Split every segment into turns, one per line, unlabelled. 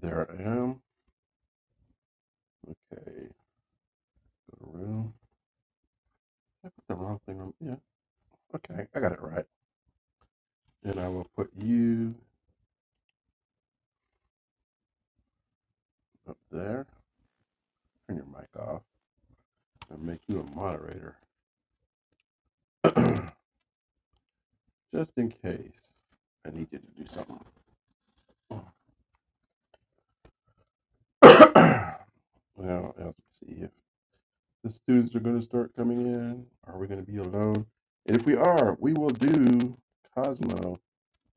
There I am. Okay, go to room. I put the wrong thing on. Yeah, okay, I got it right. And I will put you up there. Turn your mic off and make you a moderator. Just in case I need you to do something. now, let's see if the students are going to start coming in. Are we going to be alone? And if we are, we will do Cosmo,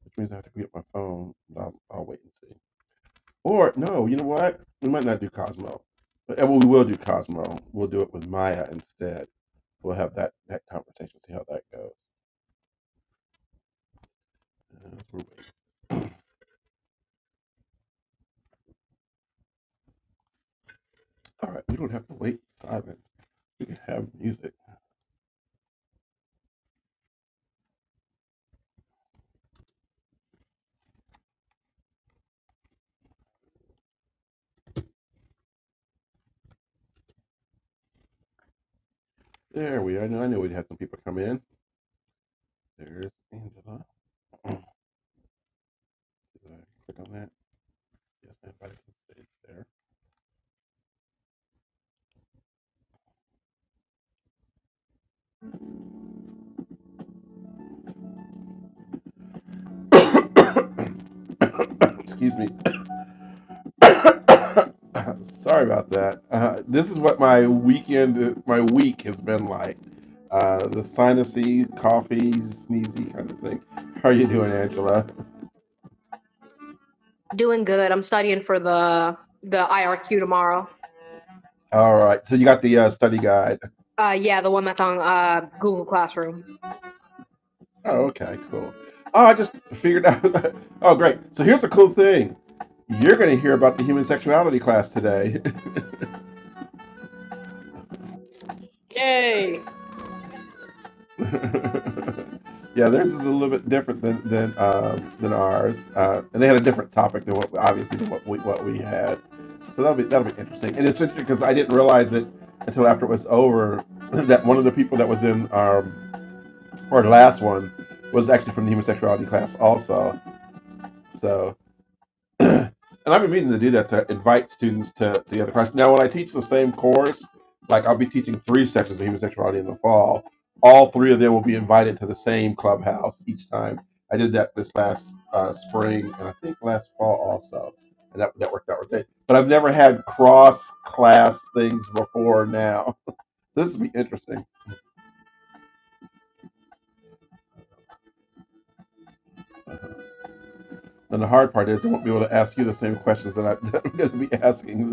which means I have to pick up my phone. I'll, I'll wait and see. Or no, you know what? We might not do Cosmo, but eh, well, we will do Cosmo. We'll do it with Maya instead. We'll have that that conversation. See how that goes. Uh, we're waiting. All right, we don't have to wait silence. We can have music. There we are. I know I know we'd have some people come in. There's Angela. Did I click on that? Yes, everybody can stay there. Excuse me. Sorry about that. Uh, this is what my weekend, my week has been like. Uh, the sinusy, coffee, sneezy kind of thing. How are you doing, Angela?
Doing good. I'm studying for the the IRQ tomorrow.
All right. So you got the uh, study guide.
Uh, yeah, the one that's on uh Google Classroom.
Oh, okay, cool. Oh, I just figured out. oh, great. So here's a cool thing. You're going to hear about the human sexuality class today.
Yay!
yeah, theirs is a little bit different than than um, than ours, uh, and they had a different topic than what obviously than what we what we had. So that'll be that'll be interesting. And it's interesting because I didn't realize it until after it was over that one of the people that was in our our last one was actually from the homosexuality class also. So. and I've been meaning to do that to invite students to the other classes. Now, when I teach the same course, like I'll be teaching three sections of human sexuality in the fall. All three of them will be invited to the same clubhouse each time. I did that this last uh, spring and I think last fall also, and that that worked out okay. But I've never had cross class things before now. This will be interesting. And the hard part is I won't be able to ask you the same questions that, I, that I'm going to be asking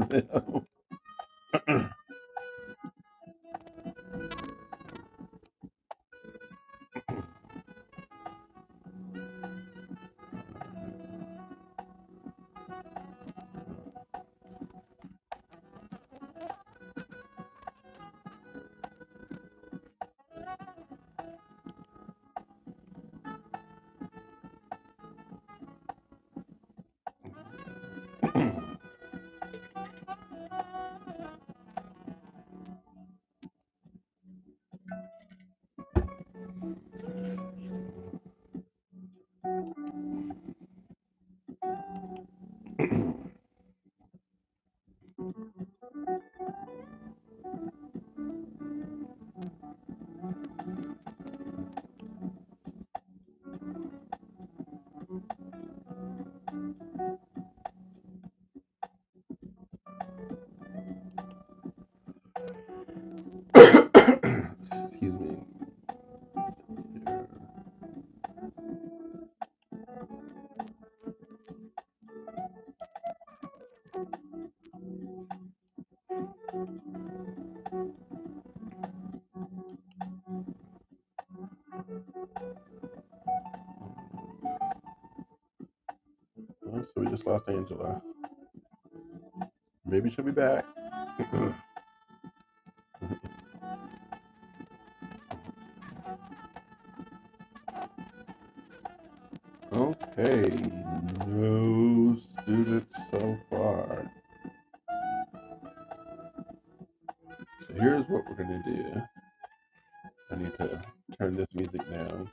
them. Excuse me. Oh, so we just lost Angela. Maybe she'll be back. okay, no students so far. So here's what we're gonna do. I need to turn this music down.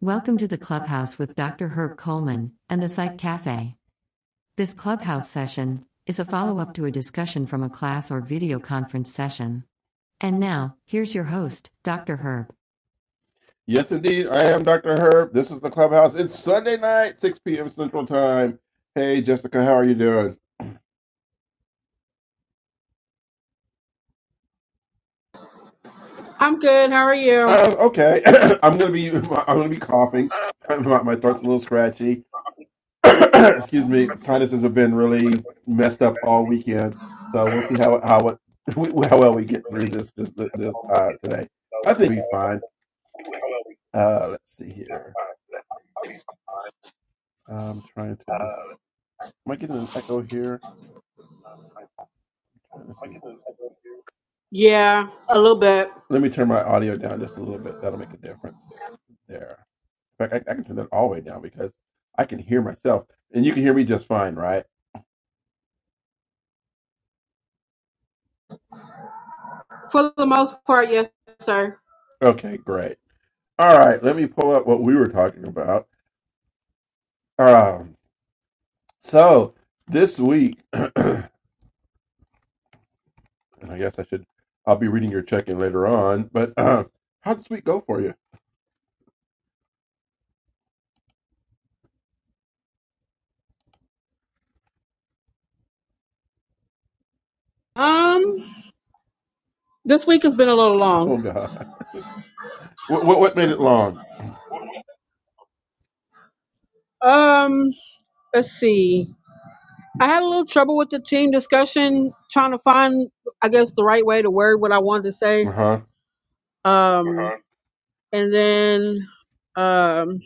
Welcome to the clubhouse with Dr. Herb Coleman and the Psych Cafe. This clubhouse session is a follow up to a discussion from a class or video conference session. And now, here's your host, Dr. Herb. Yes, indeed. I am Dr. Herb. This is the clubhouse. It's Sunday night, 6 p.m. Central Time. Hey, Jessica, how are you doing?
I'm good. How are you?
Uh, okay, I'm gonna be I'm gonna be coughing. My, my throat's a little scratchy. Excuse me. Sinuses have been really messed up all weekend, so we'll see how how it, how well we get through this this, this, this uh, today. I think we'll be fine. Uh, let's see here. I'm trying to. Am I getting an echo here? Trying to see.
Yeah, a little bit.
Let me turn my audio down just a little bit. That'll make a difference. there. In fact, I, I can turn that all the way down because I can hear myself, and you can hear me just fine, right?
For the most part, yes, sir.
Okay, great. All right, let me pull up what we were talking about. Um, so this week, and I guess I should, I'll be reading your check-in later on. But uh, how'd this week go for you?
Um, this week has been a little
Oh
long.
God, what what, what made it long?
Um, let's see. I had a little trouble with the team discussion, trying to find, I guess, the right way to word what I wanted to
Uh
say.
huh.
Um, and then, um,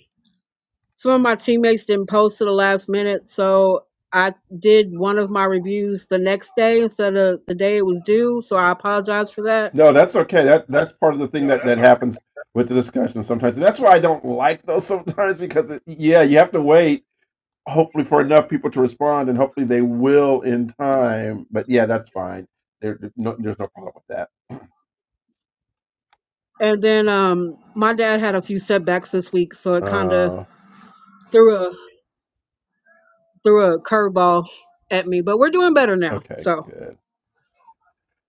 some of my teammates didn't post to the last minute, so I did one of my reviews the next day instead of the day it was due. So I apologize for that.
No, that's okay. That that's part of the thing that that happens with the discussion sometimes, and that's why I don't like those sometimes because it, yeah, you have to wait hopefully for enough people to respond, and hopefully they will in time. But yeah, that's fine. There, there- no, there's no problem with that.
And then um my dad had a few setbacks this week, so it kind of
Uh,
threw a threw a curveball at me, but we're doing better now.
okay,
So,
good.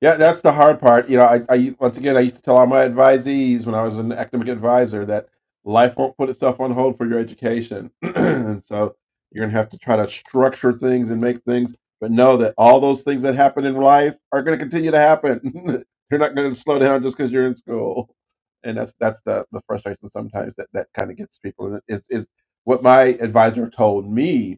Yeah, that's the hard part. You know, I, I once again I used to tell all my advisees when I was an academic advisor that life won't put itself on hold for your education. and so you're gonna have to try to structure things and make things, but know that all those things that happen in life are gonna continue to happen. you are not gonna slow down just because you're in school. And that's that's the, the frustration sometimes that, that kind of gets people. And it- Is is what my advisor told me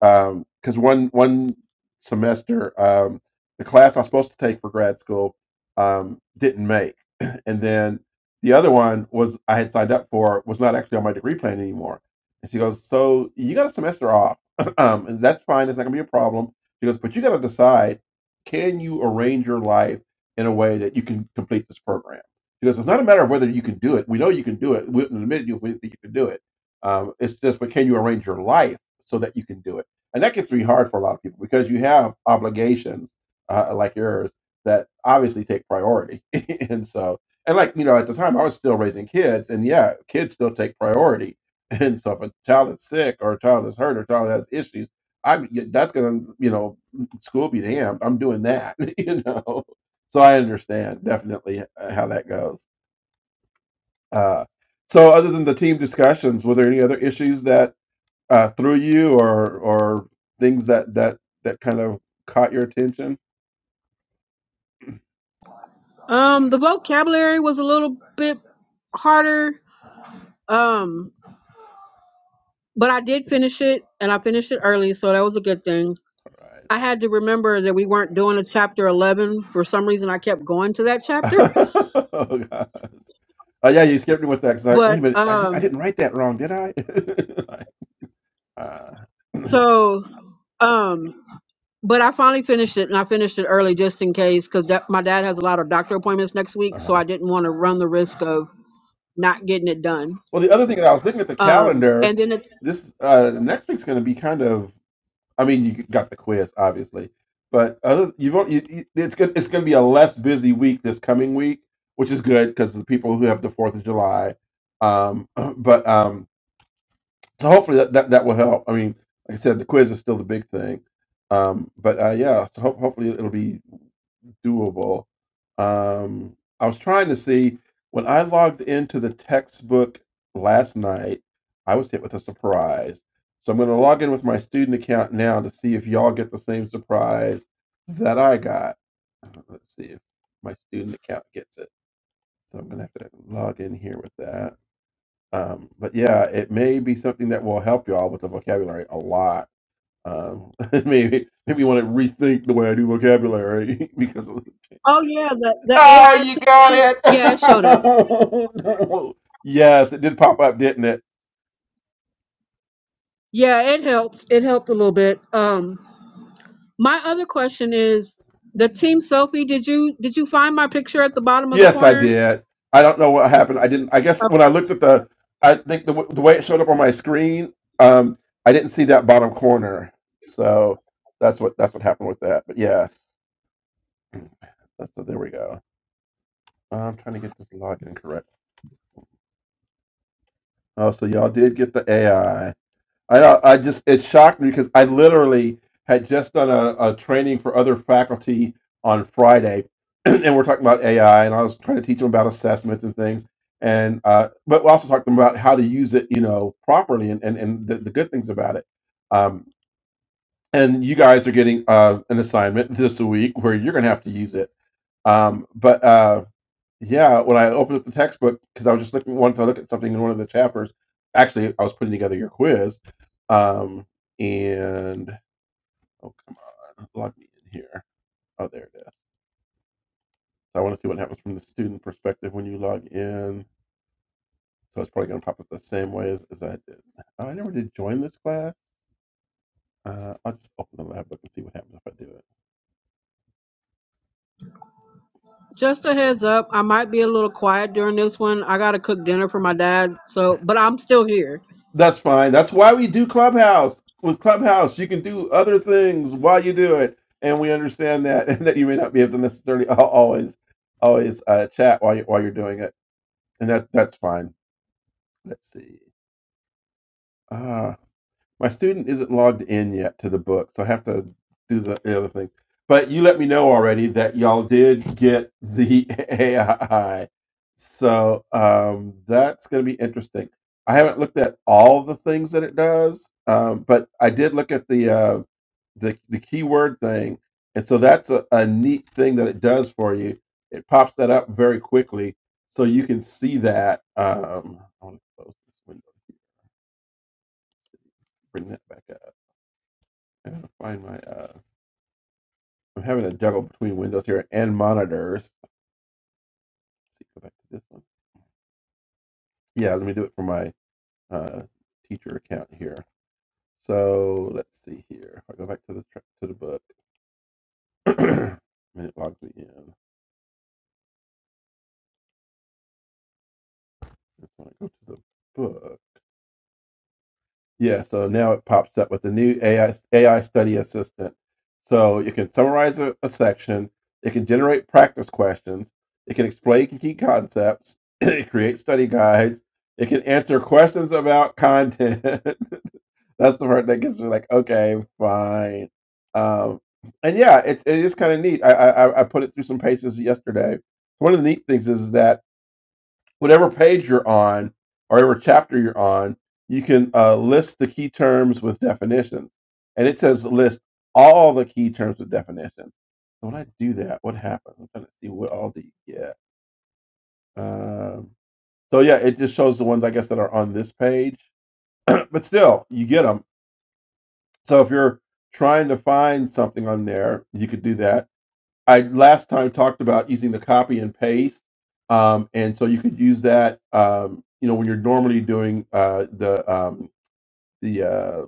um, because one one semester um, the class I was supposed to take for grad school um, didn't make, and then the other one was I had signed up for was not actually on my degree plan anymore. And she goes, "So you got a semester off, um, and that's fine. It's not gonna be a problem." She goes, "But you got to decide: can you arrange your life in a way that you can complete this program?" She goes, "It's not a matter of whether you can do it. We know you can do it. We wouldn't admit you if we didn't think you could do it. Um, it's just, but can you arrange your life so that you can do it?" and that gets to be hard for a lot of people because you have obligations uh, like yours that obviously take priority and so and like you know at the time i was still raising kids and yeah kids still take priority and so if a child is sick or a child is hurt or a child has issues i'm y- that's gonna you know school be damned i'm doing that you know so i understand definitely uh, how that goes uh so other than the team discussions were there any other issues that? uh, through you or or things that that that kind of caught your attention
um the vocabulary was a little bit harder. Um but I did finish it and I finished it early, so that was a good thing.
right
I had to remember that we weren't doing a chapter 11 for some reason I kept going to that chapter,
oh gosh oh yeah you skipped me with that 'cause like wait a
but
minute I, di- I
um
didn't write that wrong did i like, uh,
so um But I finally finished it, and I finished it early just in case, because my dad has a lot of doctor appointments next week,
uh-huh.
so I didn't want to run the risk of not getting it done.
Well, the other thing that I was looking at the
Um,
calendar,
and then it,
this uh next week's going to be kind of. I mean, you got the quiz, obviously, but other you've al- you, you, it's gonna it's going to be a less busy week this coming week, which is good because the people who have the Fourth of July. Um, but um, so hopefully that, that that will help. I mean, like I said, the quiz is still the big thing. Um, but uh, yeah, so ho- hopefully it'll be doable. Um, I was trying to see when I logged into the textbook last night, I was hit with a surprise. So I'm going to log in with my student account now to see if y'all get the same surprise that I got. Uh, Let's see if my student account gets it. So I'm going to have to log in here with that. Um, but yeah, it may be something that will help y'all with the vocabulary a lot. Um, maybe maybe you want to rethink the way I do vocabulary because of
oh yeah, the the
Ah,
AI
you got
assistant,
it.
yeah, it showed up.
Oh, no. Yes, it did pop up, didn't it?
Yeah, it helped. It helped a little bit. Um, my other question is the team selfie. Did you did you find my picture at the bottom of the
Yes, I
corner?
did. I don't know what happened. I didn't. I guess when I looked at the, I think the, w- the way it showed up on my screen, um, I didn't see that bottom corner. So that's what that's what happened with that. But yes, so there we go. I'm trying to get this login correct. Oh, so y'all did get the AI. I know. I just it shocked me because I literally had just done a, a training for other faculty on Friday, and we're talking about AI, and I was trying to teach them about assessments and things, and uh, but we also talked to them about how to use it, you know, properly and and, and the, the good things about it. Um, and you guys are getting uh, an assignment this week where you're going to have to use it. Um, but uh, yeah, when I opened up the textbook, because I was just looking, wanted to look at something in one of the chapters. Actually, I was putting together your quiz, um, and oh come on, log me in here. Oh, there it is. So I want to see what happens from the student perspective when you log in. So it's probably going to pop up the same way as, as I did. Oh, I never did join this class. Uh, I'll just open the lab book and see what happens if I do it.
Just a heads up, I might be a little quiet during this one. I gotta cook dinner for my dad, so but I'm still here.
That's fine. That's why we do Clubhouse. With Clubhouse, you can do other things while you do it, and we understand that, and that you may not be able to necessarily al- always, always uh, chat while you while you're doing it, and that that's fine. Let's see. Uh, my student isn't logged in yet to the book, so I have to do the the other things. But you let me know already that y'all did get the AI. So um, that's going to be interesting. I haven't looked at all the things that it does, um, but I did look at the, uh, the the keyword thing, and so that's a, a neat thing that it does for you. It pops that up very quickly, so you can see that. Um, I want to close this window bring that back up I'm to find my uh I'm having to juggle between windows here and monitors. Let's see, go back to this one. Yeah, let me do it for my uh, teacher account here. So let's see here. If I go back to the to the book, and it logs me in. If I go to the book, yeah. So now it pops up with the new AI AI study assistant. So you can summarize a, a section. It can generate practice questions. It can explain key concepts. it creates study guides. It can answer questions about content. That's the part that gets me like, okay, fine. Um, and yeah, it's it is kind of neat. I, I I I put it through some paces yesterday. One of the neat things is that whatever page you're on or whatever chapter you're on, you can uh, list the key terms with definitions, and it says list all the key terms with definitions. So when I do that, what happens? I'm trying to see what all do you get. Um, so yeah, it just shows the ones I guess that are on this page, but still, you get them. So if you're trying to find something on there, you could do that. I last time talked about using the copy and paste, um, and so you could use that. Um, you know, when you're normally doing uh, the um, the uh,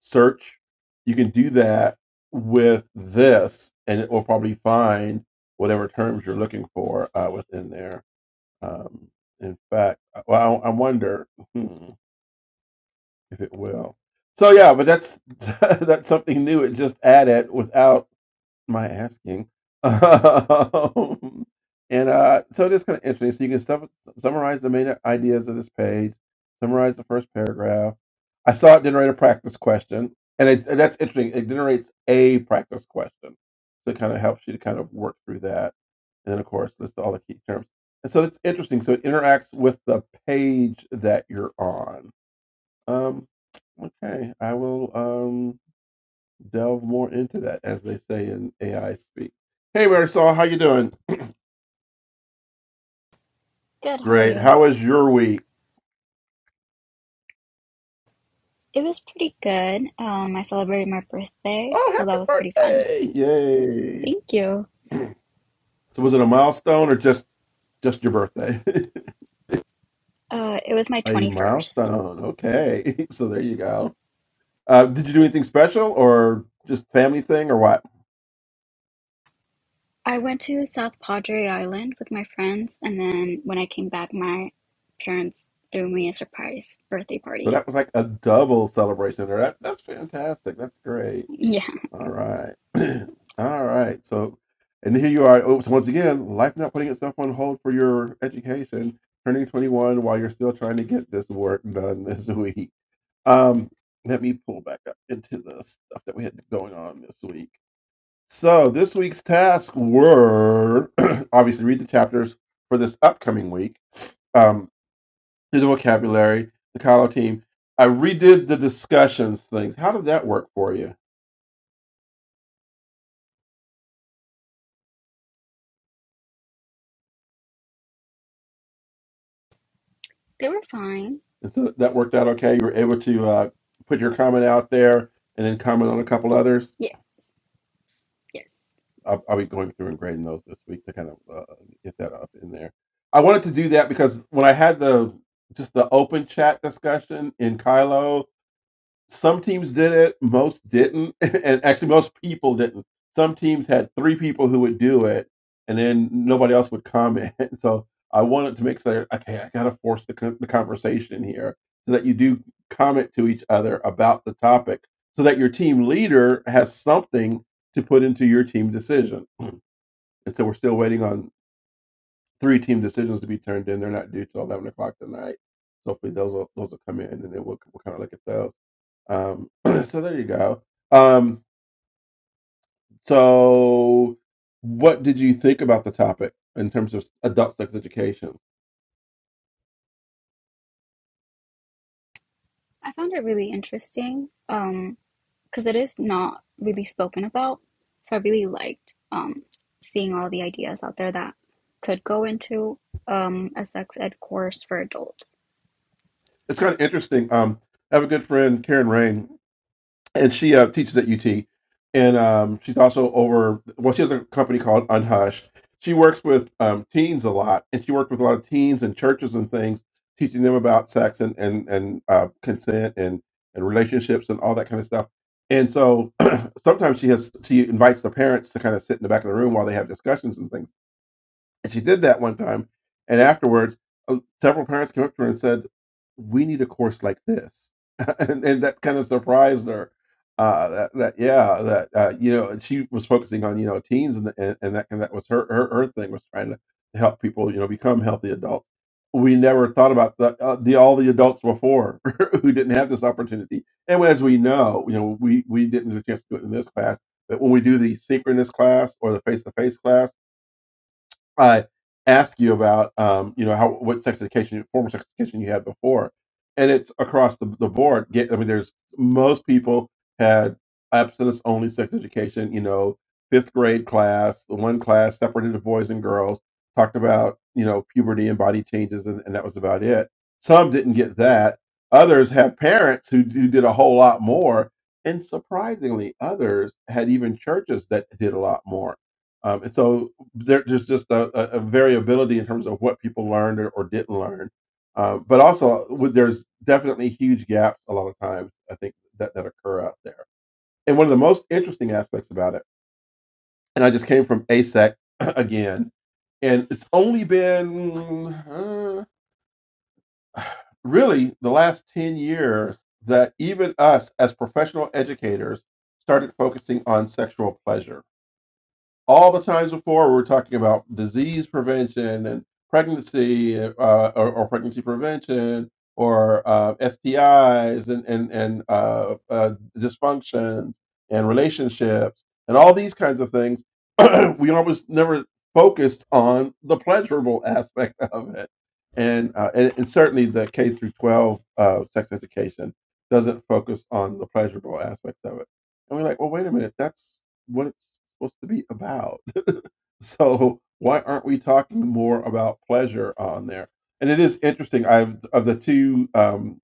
search, you can do that with this, and it will probably find whatever terms you're looking for uh, within there. Um, in fact, uh, well, I, I wonder. Hmm. If it will, so yeah, but that's that's something new. It just add it without my asking, um, and uh, so it is kind of interesting. So you can sum- summarize the main ideas of this page, summarize the first paragraph. I saw it generate a practice question, and it, and that's interesting. It generates a practice question, so it kind of helps you to kind of work through that, and then of course list all the key terms. And so it's interesting. So it interacts with the page that you're on um, okay, I will um delve more into that as they say in AI speak. Hey Marisol, how you doing?
Good, how are
Great.
you?
How was your week?
It was pretty good. Um, I celebrated my birthday,
Oh,
so
happy
that was pretty fun.
birthday!
Thank you.
Yay. So was it a milestone or just just your birthday?
Uh, it was my
a
21st.
milestone. Okay. So there you go. Uh, did you do anything special or just family thing or what?
I went to South Padre Island with my friends, and then when I came back, my parents threw me a surprise birthday
So
party.
that was like a double celebration there. That, that's fantastic. That's great.
Yeah,
All right. All right. So, and here you are. Oh, so once again, life not putting itself on hold for your education, turning 21 while you're still trying to get this work done this week. Um, let me pull back up into the stuff that we had going on this week. So, this week's tasks were obviously read the chapters for this upcoming week, um, do the vocabulary, the Kalo team. I redid the discussions things. How did that work for you?
they were fine.
so that worked out okay. You were able to uh, put your comment out there and then comment on a couple others.
Yeah, yes.
I'll, I'll be going through and grading those this week to kind of uh, get that up in there. I wanted to do that because when I had the just the open chat discussion in Kylo, some teams did it, most didn't, and actually most people didn't. Some teams had three people who would do it, and then nobody else would comment. So I wanted to make sure, okay, I gotta force the, con- the conversation here so that you do comment to each other about the topic, so that your team leader has something to put into your team decision. And so we're still waiting on three team decisions to be turned in. They're not due till eleven o'clock tonight. So hopefully those will, those will come in, and then we'll, we'll kind of look at those. Um, so there you go. Um, so what did you think about the topic in terms of adult sex education?
I found it really interesting. Um, because it is not really spoken about. So I really liked um, seeing all the ideas out there that could go into um, a sex ed course for adults.
It's kind of interesting. Um, I have a good friend, Karen Rain. and she uh, teaches at UT. And um, she's also over, well, she has a company called Unhushed. She works with um, teens a lot, and she worked with a lot of teens and churches and things, teaching them about sex and and and uh, consent and and relationships and all that kind of stuff. And so sometimes she has she invites the parents to kind of sit in the back of the room while they have discussions and things and she did that one time. And afterwards, uh, several parents came up to her and said, "We need a course like this," and, and that kind of surprised her. Uh, that, that yeah, that uh, you know, and she was focusing on you know teens and and, and that and that was her, her her thing was trying to help people you know become healthy adults. We never thought about the, uh, the all the adults before who didn't have this opportunity. And as we know, you know, we we didn't get a chance to do it in this class, but when we do the synchronous class or the face to face class I ask you about, um, you know, how what sex education, formal sex education you had before, and it's across the, the board. Get, I mean, there's most people had abstinence only sex education. You know, fifth grade class, the one class separated the boys and girls, talked about you know puberty and body changes, and, and that was about it. Some didn't get that. Others have parents who, who did a whole lot more, and surprisingly, others had even churches that did a lot more. Um, and so there, there's just a, a, a variability in terms of what people learned or, or didn't learn. Uh, but also, with- there's definitely huge gaps a lot of times, I think, that, that occur out there. And one of the most interesting aspects about it, and I just came from ASEC again, and it's only been uh, really the last 10 years that even us as professional educators started focusing on sexual pleasure all the times before we were talking about disease prevention and pregnancy uh, or, or pregnancy prevention or uh, STIs and and and uh, uh, dysfunctions and relationships and all these kinds of things. we almost never focused on the pleasurable aspect of it, and uh, and, and certainly the K through 12 uh, sex education doesn't focus on the pleasurable aspects of it. And we're like, well, wait a minute, that's what it's supposed to be about. So why aren't we talking more about pleasure on there? And it is interesting. I've of the two um,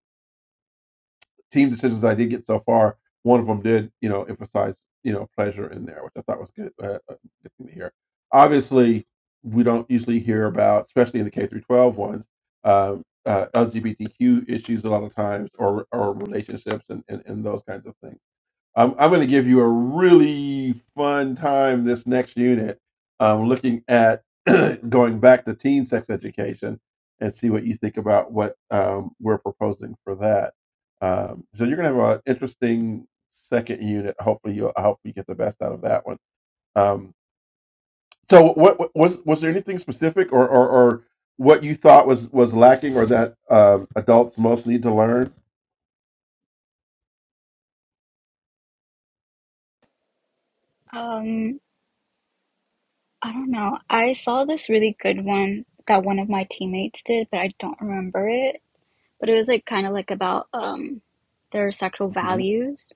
team decisions I did get so far, one of them did you know emphasize you know pleasure in there, which I thought was good. Uh, a good thing to hear. Obviously, we don't usually hear about, especially in the K through twelve ones. Um, uh, LGBTQ issues a lot of times, or or relationships, and, and, and those kinds of things I'm, I'm going to give you a really fun time this next unit, um, looking at going back to teen sex education and see what you think about what um, we're proposing for that. Um, so you're going to have an interesting second unit. Hopefully, you'll I hope you get the best out of that one. Um, so, what, what was was there anything specific or, or or what you thought was was lacking or that um, adults most need to learn?
Um, I don't know. I saw this really good one that one of my teammates did, but I don't remember it. But it was like kind of like about um, their sexual
Mhm.
values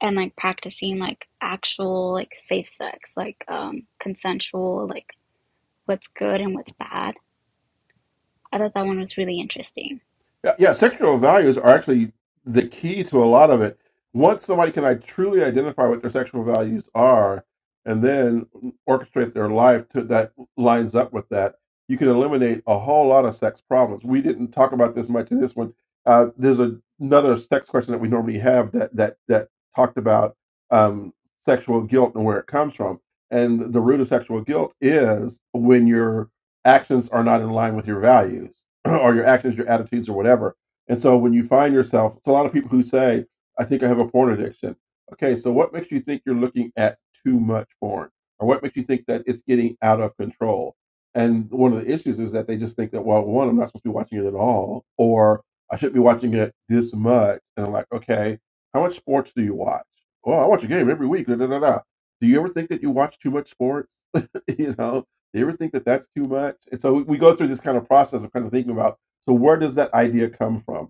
and like practicing like actual like safe sex, like um, consensual, like what's good and what's bad. I thought that one was really interesting.
Yeah, yeah, sectoral values are actually the key to a lot of it. Once somebody can I truly identify what their sexual values are and then orchestrate their life to that lines up with that, you can eliminate a whole lot of sex problems. We didn't talk about this much in this one. Uh, there's a, another sex question that we normally have that that that talked about um, sexual guilt and where it comes from. And the root of sexual guilt is when you're actions are not in line with your values or your actions, your attitudes, or whatever. And so when you find yourself, it's a lot of people who say, I think I have a porn addiction. Okay, so what makes you think you're looking at too much porn? Or what makes you think that it's getting out of control? And one of the issues is that they just think that, well, one, I'm not supposed to be watching it at all, or I shouldn't be watching it this much. And I'm like, okay, how much sports do you watch? Well, I watch a game every week. Da, da, da, da. Do you ever think that you watch too much sports? you know, do you ever think that that's too much? And so we, we go through this kind of process of kind of thinking about so where does that idea come from?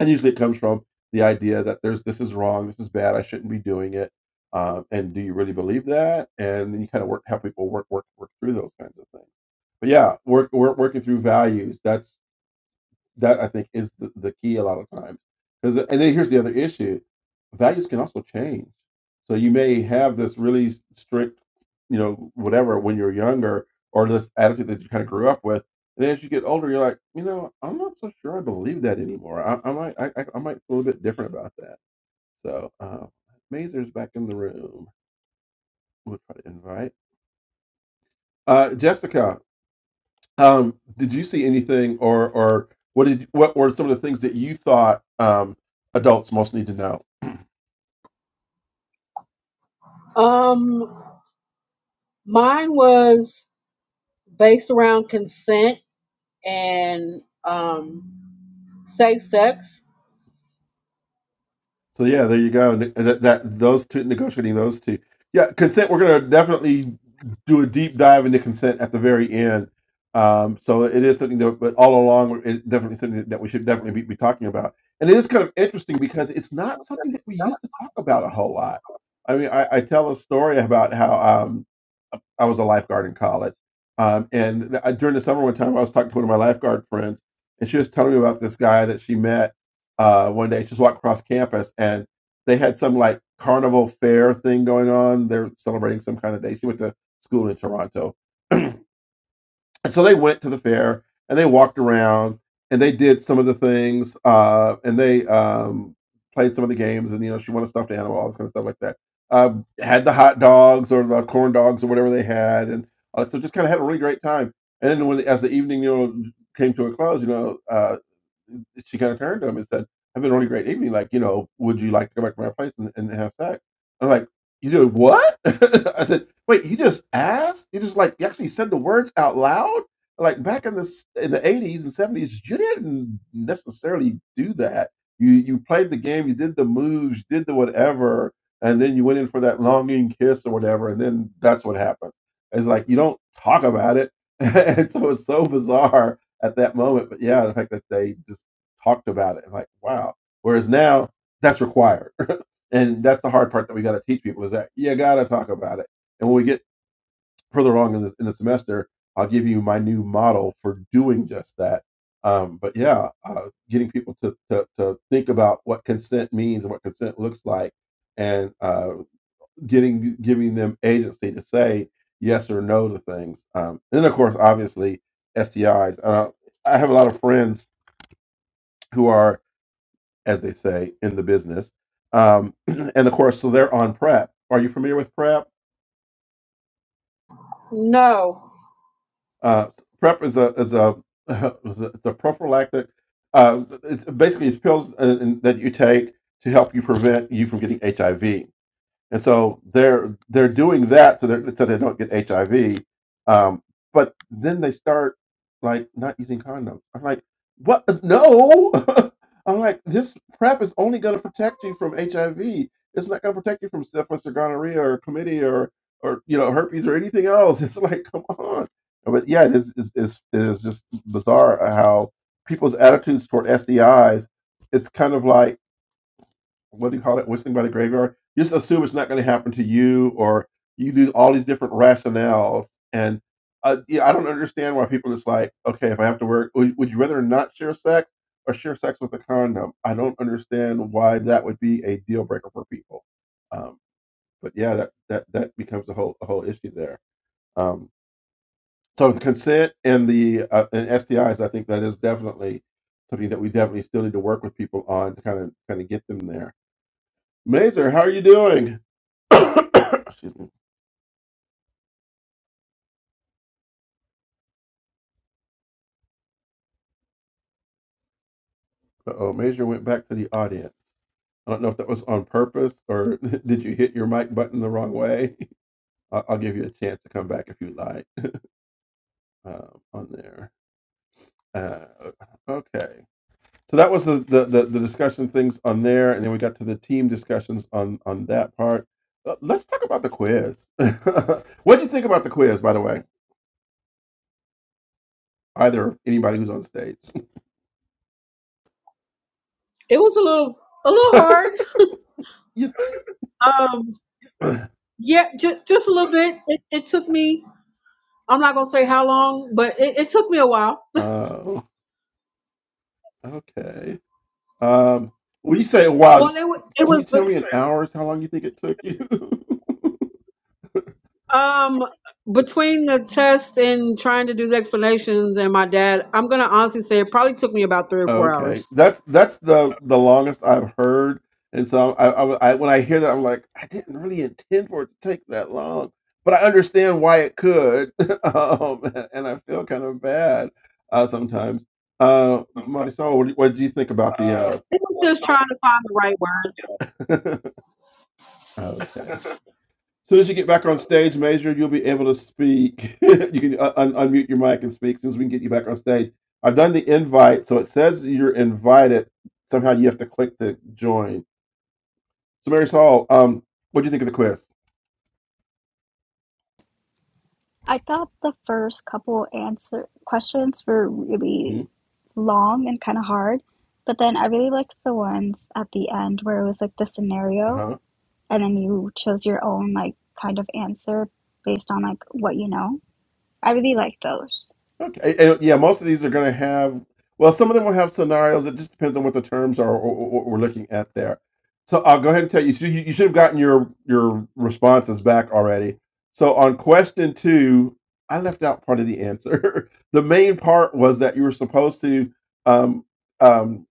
And usually it comes from the idea that there's this is wrong, this is bad, I shouldn't be doing it. Um, and do you really believe that? And then you kind of work, have people work, work, work through those kinds of things. But yeah, work, work working through values. That's that I think is the, the key a lot of times. Because and then here's the other issue: values can also change. So you may have this really s- strict, you know, whatever when you're younger, or this attitude that you kind of grew up with. And then as you get older, you're like, you know, I'm not so sure I believe that anymore. I, I might, I, I I might feel a bit different about that. So, um, Mazer's back in the room. We'll try to invite uh, Jessica. Um, did you see anything, or or what did what were some of the things that you thought um, adults most need to know?
Um, mine was based around consent and um safe sex.
So yeah, there you go. And That, that those two negotiating those two. Yeah, consent. We're gonna definitely do a deep dive into consent at the very end. Um, so it is something that, but all along, it's definitely something that we should definitely be, be talking about. And it is kind of interesting because it's not something that we used to talk about a whole lot. I mean, I, I tell a story about how um, I was a lifeguard in college, um, and I, during the summer one time, I was talking to one of my lifeguard friends, and she was telling me about this guy that she met uh, one day. Just walked across campus, and they had some like carnival fair thing going on. They're celebrating some kind of day. She went to school in Toronto, and so they went to the fair and they walked around and they did some of the things, uh, and they um, played some of the games. And you know, she won a stuffed animal, all this kind of stuff like that. Uh, had the hot dogs or the corn dogs or whatever they had, and uh, so just kind of had a really great time. And then when as the evening you know came to a close, you know. uh, um, she kind of turned to him and said, I've been on a really great evening. Like, you know, would you like to go back to my place and, and have sex? I'm like, you did what? I said, wait, you just asked? You just like, you actually said the words out loud? Like back in the s- in the 80s and 70s, you didn't necessarily do that. You you played the game, you did the moves, you did the whatever, and then you went in for that longing kiss or whatever, and then that's what happened. It's like you don't talk about it, and so it's so bizarre at that moment. But yeah, the fact that they just talked about it. And like, wow. Whereas now that's required. And that's the hard part that we got to teach people is that you got to talk about it. And when we get further along in the, in the semester, I'll give you my new model for doing just that. Um, but yeah, uh, getting people to, to, to think about what consent means and what consent looks like and uh, getting giving them agency to say yes or no to things. Um, and then, of course, obviously, STIs. Uh, I have a lot of friends who are as they say in the business. Um, and of course, so they're on PrEP. Are you familiar with PrEP?
No,
Uh, PrEP is a is a is a, it's a prophylactic. Uh, it's basically it's pills uh, that you take to help you prevent you from getting HIV and so they're they're doing that so they so they don't get HIV. Um, but then they start like not using condoms. I'm like, what? Uh, No. I'm like, this prep is only going to protect you from HIV. It's not going to protect you from syphilis or gonorrhea or chlamydia or or you know herpes or anything else. It's like, come on. But yeah, it is is is it is just bizarre how people's attitudes toward SDIs. It's kind of like what do you call it? Whistling by the graveyard. You Just assume it's not going to happen to you, or you do all these different rationales. And uh, yeah, I don't understand why people just like, okay, if I have to work, would, would you rather not share sex or share sex with a condom? I don't understand why that would be a deal breaker for people. Um, but yeah, that that that becomes a whole a whole issue there. Um, so the consent and the uh, and STIs, I think that is definitely something that we definitely still need to work with people on to kind of kind of get them there Mazer, how are you doing? Excuse me. Uh-oh, Mazer went back to the audience. I don't know if that was on purpose or did you hit your mic button the wrong way. I'll, I'll give you a chance to come back if you like um, on there. Uh, okay, so that was the, the the the discussion things on there, and then we got to the team discussions on on that part. Uh, let's talk about the quiz. what do you think about the quiz, by the way? Either anybody who's on stage,
it was a little a little hard.
you
Um,
think?
yeah, just just a little bit. It, it took me. I'm not gonna say how long, but it, it took me a while.
Oh. Okay. Um, when you say wow,
Well,
just
it wa- it
can you tell me in
was.
hours how long you think it took you?
Um, between the test and trying to do the explanations and my dad, I'm gonna honestly say it probably took me about three or four
okay,
hours.
that's that's the the longest I've heard, and so I, I, I when I hear that I'm like I didn't really intend for it to take that long, but I understand why it could, um, and I feel kind of bad uh, sometimes. Uh, Marisol, what do, what do you think about the?
It was just trying to find the right word.
Uh... okay. soon as you get back on stage, Major, you'll be able to speak. you can uh, un- unmute your mic and speak as soon as we can get you back on stage. I've done the invite, so it says you're invited. Somehow you have to click to join. So, Mary Saul, um, what do you think of the quiz?
I thought the first couple answer questions were really
hmm
long and kind of hard, but then I really liked the ones at the end where it was like the scenario and then you chose your own like kind of answer based on like what you know. I really liked those.
Okay. a- and, yeah, most of these are going to have, well, some of them will have scenarios. It just depends on what the terms are or or- or what we're looking at there. So I'll go ahead and tell you. So you, you should have gotten your your responses back already. So on question two, I left out part of the answer. the main part was that you were supposed to um, um,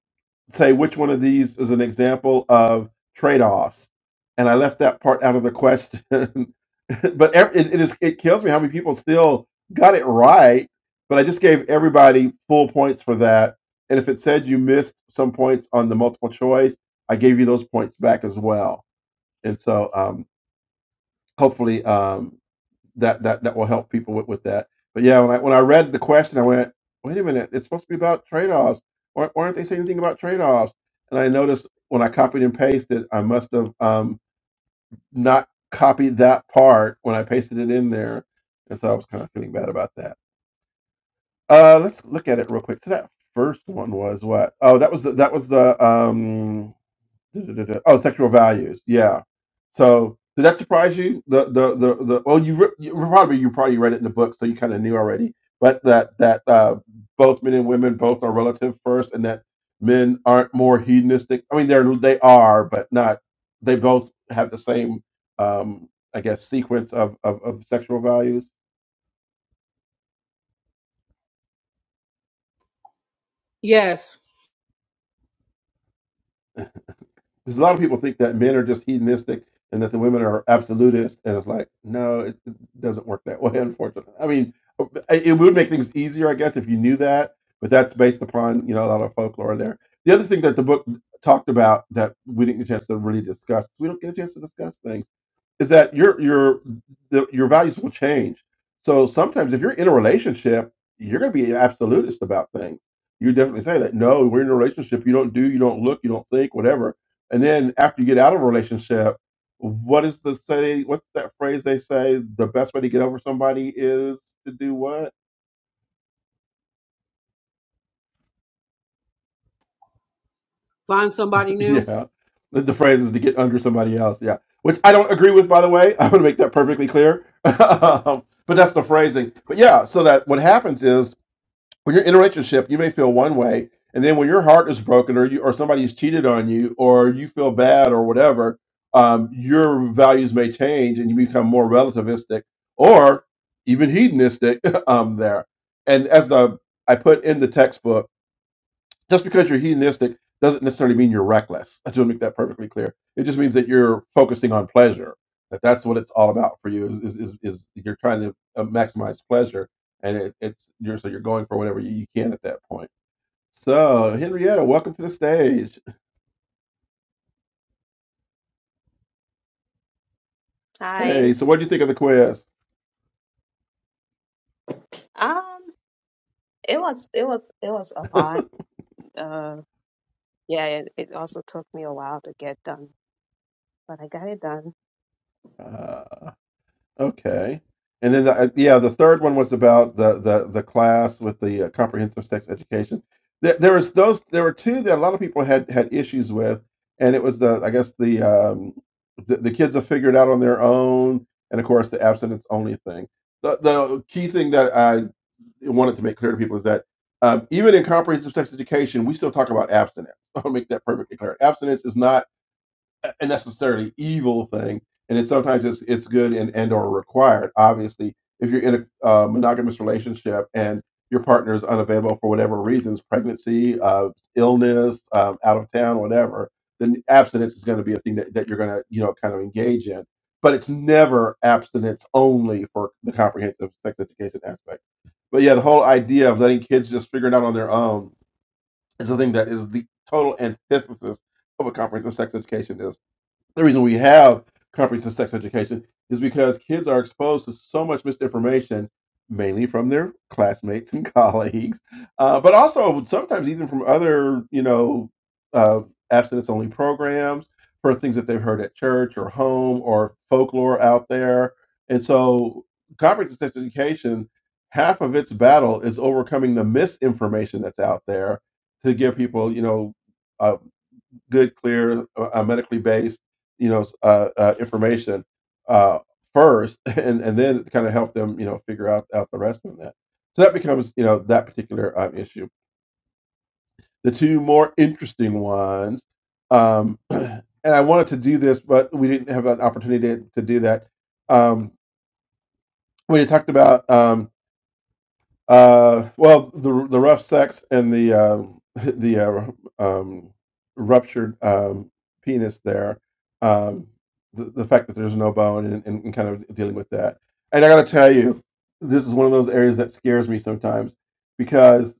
say which one of these is an example of trade-offs and i left that part out of the question but ev- it, it is it kills me how many people still got it right but i just gave everybody full points for that and if it said you missed some points on the multiple choice i gave you those points back as well and so um, hopefully um, that that that will help people with, with that. But yeah, when I when I read the question, I went, wait a minute, it's supposed to be about trade offs. Why, why aren't they saying anything about trade offs? And I noticed when I copied and pasted, I must have um, not copied that part when I pasted it in there, and so I was kind of feeling bad about that. Uh, let's look at it real quick. So that first one was what? Oh, that was the that was the um Oh, sexual values. Yeah. So did that surprise you? The the the, the well, you, re- you probably you probably read it in the book, so you kind of knew already. But that that uh, both men and women both are relative first, and that men aren't more hedonistic. I mean, they're they are, but not. They both have the same, um, I guess, sequence of, of of sexual values.
Yes,
Because a lot of people think that men are just hedonistic and that the women are absolutist, and it's like, no, it, it doesn't work that way, unfortunately. I mean, it it would make things easier, I guess, if you knew that, but that's based upon you know a lot of folklore there. The other thing that the book talked about that we didn't get a chance to really discuss, we don't get a chance to discuss things, is that your your the, your values will change. So sometimes if you're in a relationship, you're going to be an absolutist about things. You definitely say that no, we're in a relationship. You don't do, you don't look, you don't think, whatever and then after you get out of a relationship, what is the say? What's that phrase they say? The best way to get over somebody is to do what?
find somebody new.
yeah, the, the phrase is to get under somebody else. Yeah, which I don't agree with, by the way. I want to make that perfectly clear. um, but that's the phrasing. But yeah, so that what happens is when you're in a relationship, you may feel one way, and then when your heart is broken, or you, or somebody's cheated on you, or you feel bad, or whatever, um, your values may change, and you become more relativistic, or even hedonistic. um, there, and as the I put in the textbook just because you're hedonistic doesn't necessarily mean you're reckless. I just want to make that perfectly clear. It just means that you're focusing on pleasure. That that's what it's all about for you is is is, is you're trying to uh, maximize pleasure, and it, it's you're so you're going for whatever you, you can at that point. So Henrietta, welcome to the stage.
Hi.
Hey, so what do you think of the quiz?
Um, it was it was it was a lot. Uh, yeah, it, it also took me a while to get done, but I got it done.
Uh, Okay. And then, the, uh, yeah, the third one was about the the the class with the uh, comprehensive sex education. There, there was those. There were two that a lot of people had had issues with, and it was the I guess the um, the, the kids have figured out on their own, and of course the abstinence only thing. The the key thing that I wanted to make clear to people is that um, even in comprehensive sex education, we still talk about abstinence. I'll make that perfectly clear. Abstinence is not a necessarily evil thing, and it sometimes it's it's good and and or required. Obviously, if you're in a uh, monogamous relationship and your partner is unavailable for whatever reasons, pregnancy, uh, illness, um, out of town, whatever, then abstinence is going to be a thing that, that you're going to you know kind of engage in. But it's never abstinence only for the comprehensive sex education aspect. But yeah, the whole idea of letting kids just figure it out on their own is the thing that is the total antithesis of what comprehensive sex education is the reason we have comprehensive sex education is because kids are exposed to so much misinformation, mainly from their classmates and colleagues, uh, but also sometimes even from other, you know, uh, abstinence-only programs for things that they've heard at church or home or folklore out there. And so, comprehensive sex education, half of its battle is overcoming the misinformation that's out there to give people, you know good, clear, uh, uh, medically based, you know, uh, uh, information uh, first, and and then kind of help them, you know, figure out out the rest of that. So that becomes, you know, that particular um, issue. The two more interesting ones, um, and I wanted to do this, but we didn't have an opportunity to, to do that. Um, when you talked about um, Uh, well, the the rough sex and the um the uh, um, ruptured um, penis there, um, the, the fact that there's no bone and, and, and kind of dealing with that. And I got to tell you, this is one of those areas that scares me sometimes because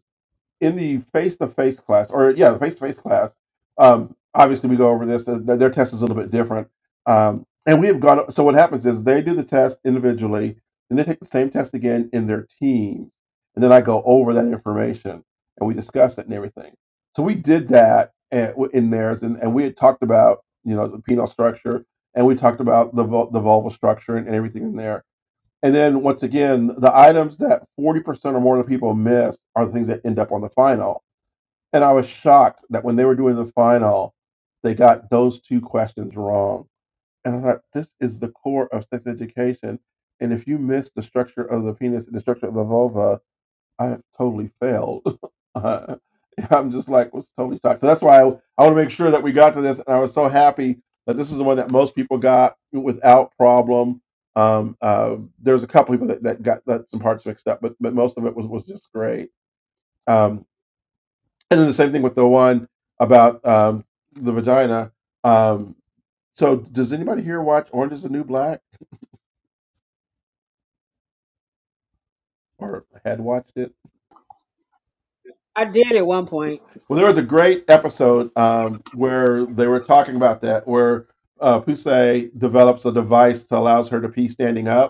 in the face to face class, or yeah, the face to face class, um, obviously we go over this. uh, Their, test is a little bit different, um, and we have gone. So what happens is they do the test individually, and they take the same test again in their teams, and then I go over that information and we discuss it and everything. So we did that at, in theirs, and, and we had talked about you know the penile structure, and we talked about the vul- the vulval structure and everything in there and then once again, the items that 40% or more of the people miss are the things that end up on the final. And I was shocked that when they were doing the final, they got those two questions wrong. And I thought, this is the core of sex education. And if you miss the structure of the penis and the structure of the vulva, I have totally failed. Uh, I'm just like was totally shocked. So that's why I, I want to make sure that we got to this, and I was so happy that this is the one that most people got without problem. Um, uh, there's a couple people that, that got that some parts mixed up, but but most of it was was just great. Um, and then the same thing with the one about um, the vagina. Um, so does anybody here watch Orange Is the New Black or had watched it?
I did at one point.
Well, there was a great episode um, where they were talking about that, where uh, Pusey develops a device that allows her to pee standing up.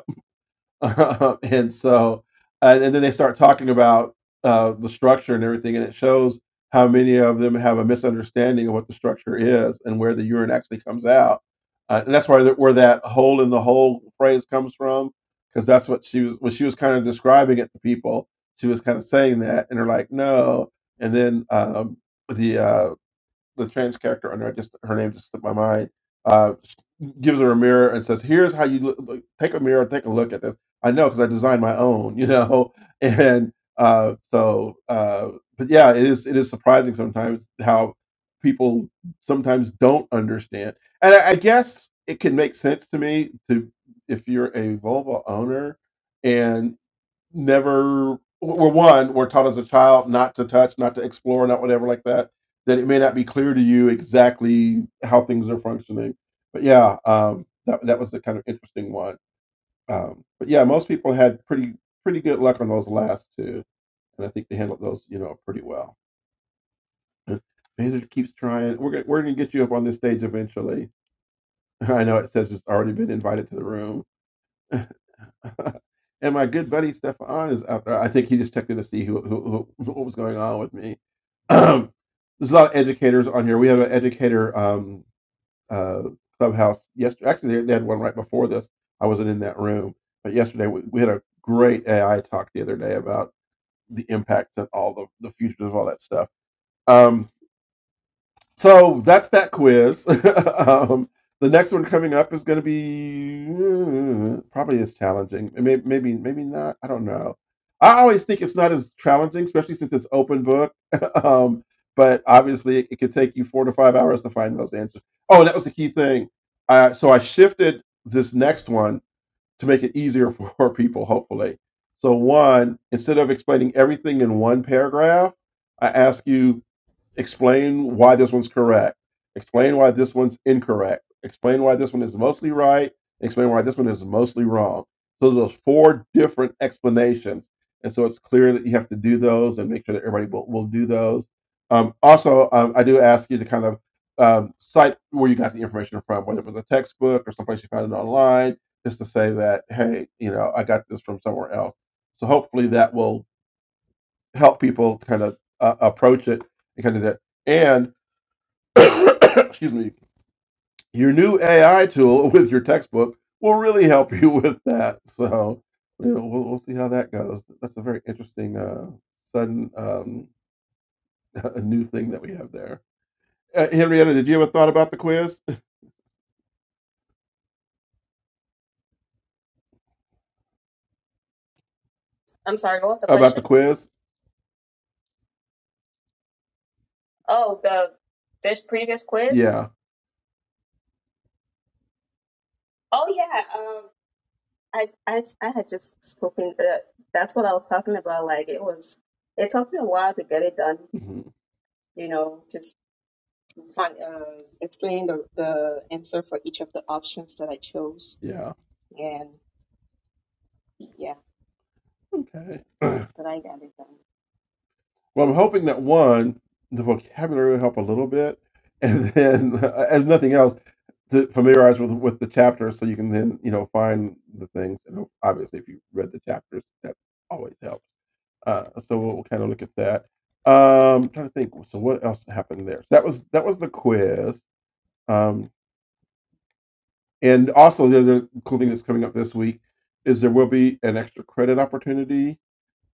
and so and, and then they start talking about uh, the structure and everything and it shows how many of them have a misunderstanding of what the structure is and where the urine actually comes out uh, and that's why that where that hole in the hole phrase comes from because that's what she was when she was kind of describing it to people she was kind of saying that and they're like no and then um, the uh, the trans character on I just her name just slipped my mind. Uh, sh- gives her a mirror and says, "Here's how you look, look- take a mirror, take a look at this." I know because I designed my own, you know. And uh, so, uh, but yeah, it is it is surprising sometimes how people sometimes don't understand. And I, I guess it can make sense to me to if you're a Volvo owner and never well one were taught as a child not to touch not to explore not whatever like that that it may not be clear to you exactly how things are functioning but yeah um that, that was the kind of interesting one um but yeah most people had pretty pretty good luck on those last two and i think they handled those you know pretty well Uh, Bezos keeps trying we're gonna, we're gonna get you up on this stage eventually i know it says it's already been invited to the room and my good buddy Stefan is out there. I think he just checked in to see who, who, who what was going on with me. There's a lot of educators on here. We have an educator um, uh, clubhouse yesterday. Actually, they had one right before this. I wasn't in that room, but yesterday we, we had a great AI talk the other day about the impacts and all the the futures of all that stuff. Um, so that's that quiz. um, the next one coming up is going to be uh, probably as challenging. Maybe, maybe, maybe not. I don't know. I always think it's not as challenging, especially since it's open book. um, but obviously, it, it could take you four to five hours to find those answers. Oh, and that was the key thing. Uh, so I shifted this next one to make it easier for people, hopefully. So one, instead of explaining everything in one paragraph, I ask you explain why this one's correct, explain why this one's incorrect, explain why this one is mostly right, explain why this one is mostly wrong. So those four different explanations, and so it's clear that you have to do those and make sure that everybody will, will do those. Um, also, um, I do ask you to kind of um, cite where you got the information from, whether it was a textbook or someplace you found it online, just to say that hey, you know, I got this from somewhere else. So hopefully that will help people kind of uh, approach it and kind of that. and excuse me, your new AI tool with your textbook will really help you with that. So you know, we'll, we'll see how that goes. That's a very interesting, uh, sudden, um, a new thing that we have there. Uh, Henrietta, did you have a thought about the quiz?
I'm sorry, what was the
About
question?
the quiz?
Oh, the this previous quiz.
Yeah.
Oh yeah. Um, I I I had just spoken that that's what I was talking about. Like it was, it took me a while to get it done.
Mhm.
You know, just find, uh, explain the the answer for each of the options that I chose,
Yeah.
and yeah,
Okay.
but I got it done.
Well, I'm hoping that one, the vocabulary will help a little bit, and then, as nothing else, to familiarize with with the chapter, so you can then you know find the things. And obviously, if you read the chapters, that always helps. Uh, so we'll, we'll kind of look at that. Um, trying to think. So what else happened there? So that was that was the quiz. Um, and also the other cool thing that's coming up this week is there will be an extra credit opportunity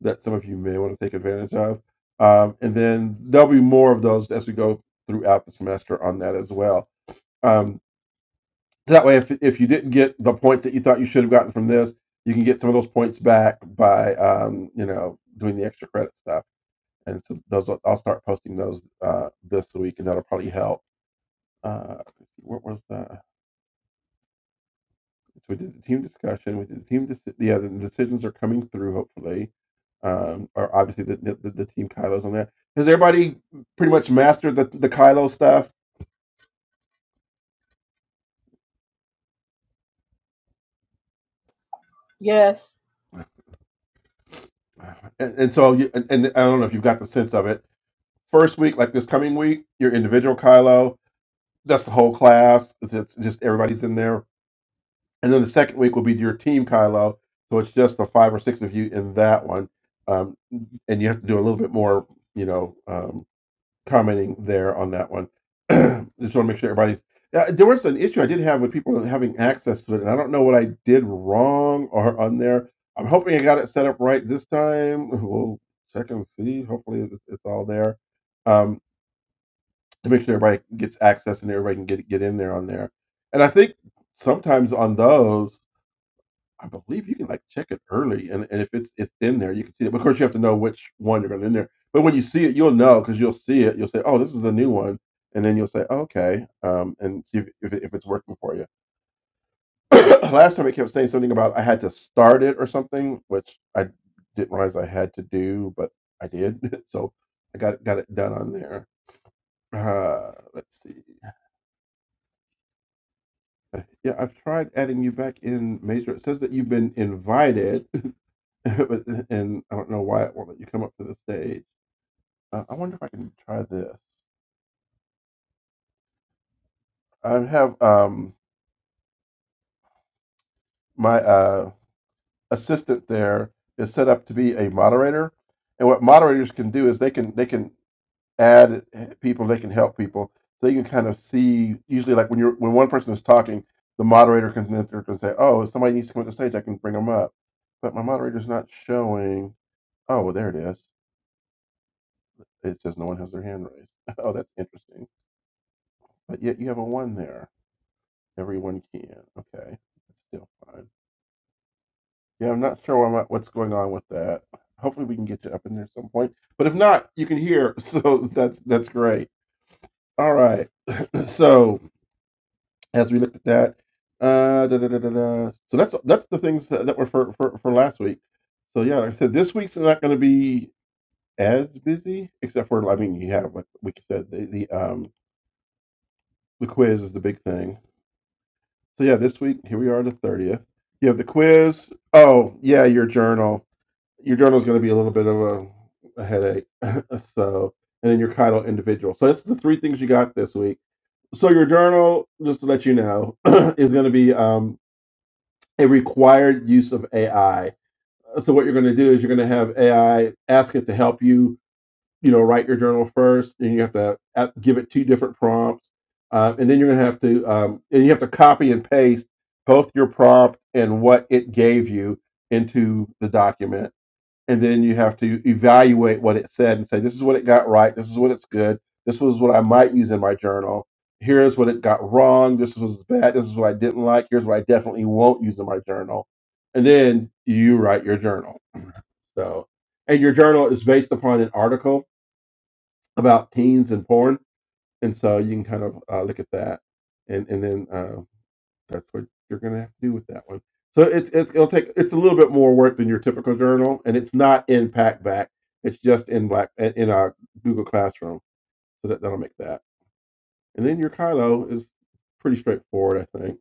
that some of you may want to take advantage of. Um, and then there'll be more of those as we go throughout the semester on that as well. Um, so that way, if, if you didn't get the points that you thought you should have gotten from this, you can get some of those points back by um, you know doing the extra credit stuff. And so those I'll start posting those uh, this week, and that'll probably help. Uh, what was that? So we did the team discussion. We did the team. Deci- yeah, the decisions are coming through. Hopefully, um, or obviously the the, the, the team Kylo's on there. Has everybody pretty much mastered the the Kylo stuff?
Yes,
And, and so, you, and, and I don't know if you've got the sense of it. First week, like this coming week, your individual Kylo. That's the whole class. It's it's just everybody's in there. And then the second week will be your team Kylo. So it's just the five or six of you in that one. Um, and you have to do a little bit more, you know. um, commenting there on that one. Just want to make sure everybody's. Uh, there was an issue I did have with people having access to it, and I don't know what I did wrong or on there. I'm hoping I got it set up right this time. We'll check and see. Hopefully, it- it's all there um, to make sure everybody gets access and everybody can get get in there on there. And I think sometimes on those. I believe you can like check it early, and, and if it's it's in there, you can see it. But of course, you have to know which one you're going to in there. But when you see it, you'll know because you'll see it. You'll say, "Oh, this is the new one," and then you'll say, "Oh, "Okay," um, and see if if, it, if it's working for you. Last time it kept saying something about I had to start it or something, which I didn't realize I had to do, but I did. so I got it- got it done on there. Uh, let's see. Uh, Yeah, I've tried adding you back in Major. It says that you've been invited, but and I don't know why it won't let you come up to the stage. Uh, I wonder if I can try this. I have um my uh assistant there is set up to be a moderator, and what moderators can do is they can they can add eh, people, they can help people, so you can kind of see. Usually, like when you're when one person is talking, the moderator can then can say, "Oh, if somebody needs to come up to the stage. I can bring them up," but my moderator's not showing. Oh, well, there it is. It says no one has their hand raised. Oh, that's interesting. But yet you have a one there. Everyone can. Okay, that's still fine. Yeah, I'm not sure what, what's going on with that. Hopefully, we can get you up in there at some point. But if not, you can hear. So that's that's great. All right. So as we looked at that, uh, da, da, da, da, da. so that's that's the things that, that were for, for for last week. So yeah, like I said, this week's not going to be as busy, except for I mean, you have like we said the the um The quiz is the big thing. So yeah, this week here we are, the thirtieth. You have the quiz. Oh yeah, your journal. Your journal is going to be a little bit of a, a headache. so and then your title individual. So that's the three things you got this week. So your journal, just to let you know, is going to be um, a required use of AI. So what you're going to do is you're going to have AI ask it to help you you know write your journal first and you have to give it two different prompts uh, and then you're going to have to um, and you have to copy and paste both your prompt and what it gave you into the document and then you have to evaluate what it said and say this is what it got right this is what it's good this was what i might use in my journal here's what it got wrong this was bad this is what i didn't like here's what i definitely won't use in my journal and then you write your journal so and your journal is based upon an article about teens and porn, and so you can kind of uh, look at that, and and then uh, that's what you're going to have to do with that one. So it's, it's it'll take it's a little bit more work than your typical journal, and it's not in Packback. It's just in black in a Google Classroom, so that that'll make that. And then your Kylo is pretty straightforward, I think.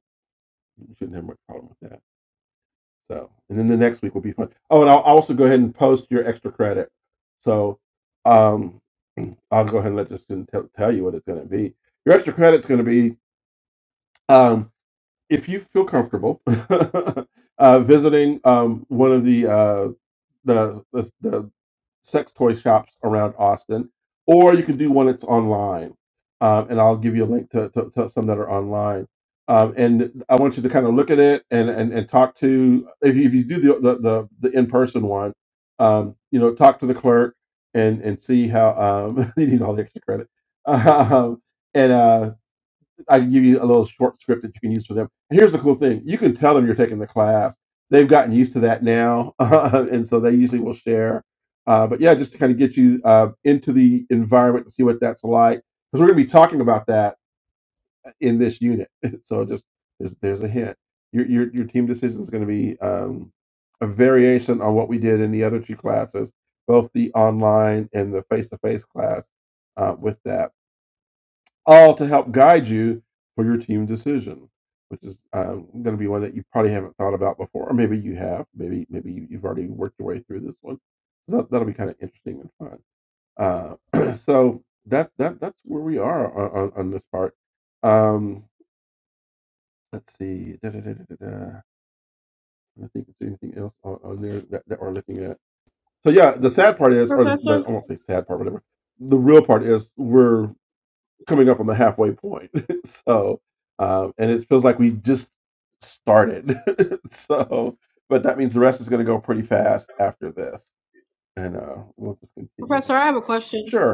You shouldn't have much problem with that. So, and then the next week will be fun. Oh, and I'll I'll also go ahead and post your extra credit. So, um, I'll go ahead and let Justin tell, tell you what it's going to be. Your extra credit's going to be um, if you feel comfortable uh, visiting um, one of the, uh, the the the sex toy shops around Austin, or you can do one that's online. Um, and I'll give you a link to, to, to some that are online. Um, and I want you to kind of look at it and, and, and talk to if you, if you do the the, the, the in person one, um, you know, talk to the clerk and and see how um, you need all the extra credit. Um, and uh, I can give you a little short script that you can use for them. And here's the cool thing: you can tell them you're taking the class. They've gotten used to that now, and so they usually will share. Uh, but yeah, just to kind of get you uh, into the environment and see what that's like, because we're going to be talking about that in this unit. so just there's, there's a hint. Your your your team decision is going to be um, a variation on what we did in the other two classes, both the online and the face to face class. Uh, with that all to help guide you for your team decision, which is um, going to be one that you probably haven't thought about before, or maybe you have. Maybe maybe you- you've already worked your way through this one. So that, that'll be kind of interesting and fun. Uh, so that's that that's where we are on, on, on this part. Um, let's see. Da, da, da, da, da, da. I think there's anything else on, on there that, that we're looking at. So yeah, the sad part is, or the, the
Professor.
I won't say sad part, whatever. The real part is we're. coming up on the halfway point. so, um, and it feels like we just started. so, but that means the rest is going to go pretty fast after this, and uh, we'll just continue
Professor,
that.
I have a question.
Sure.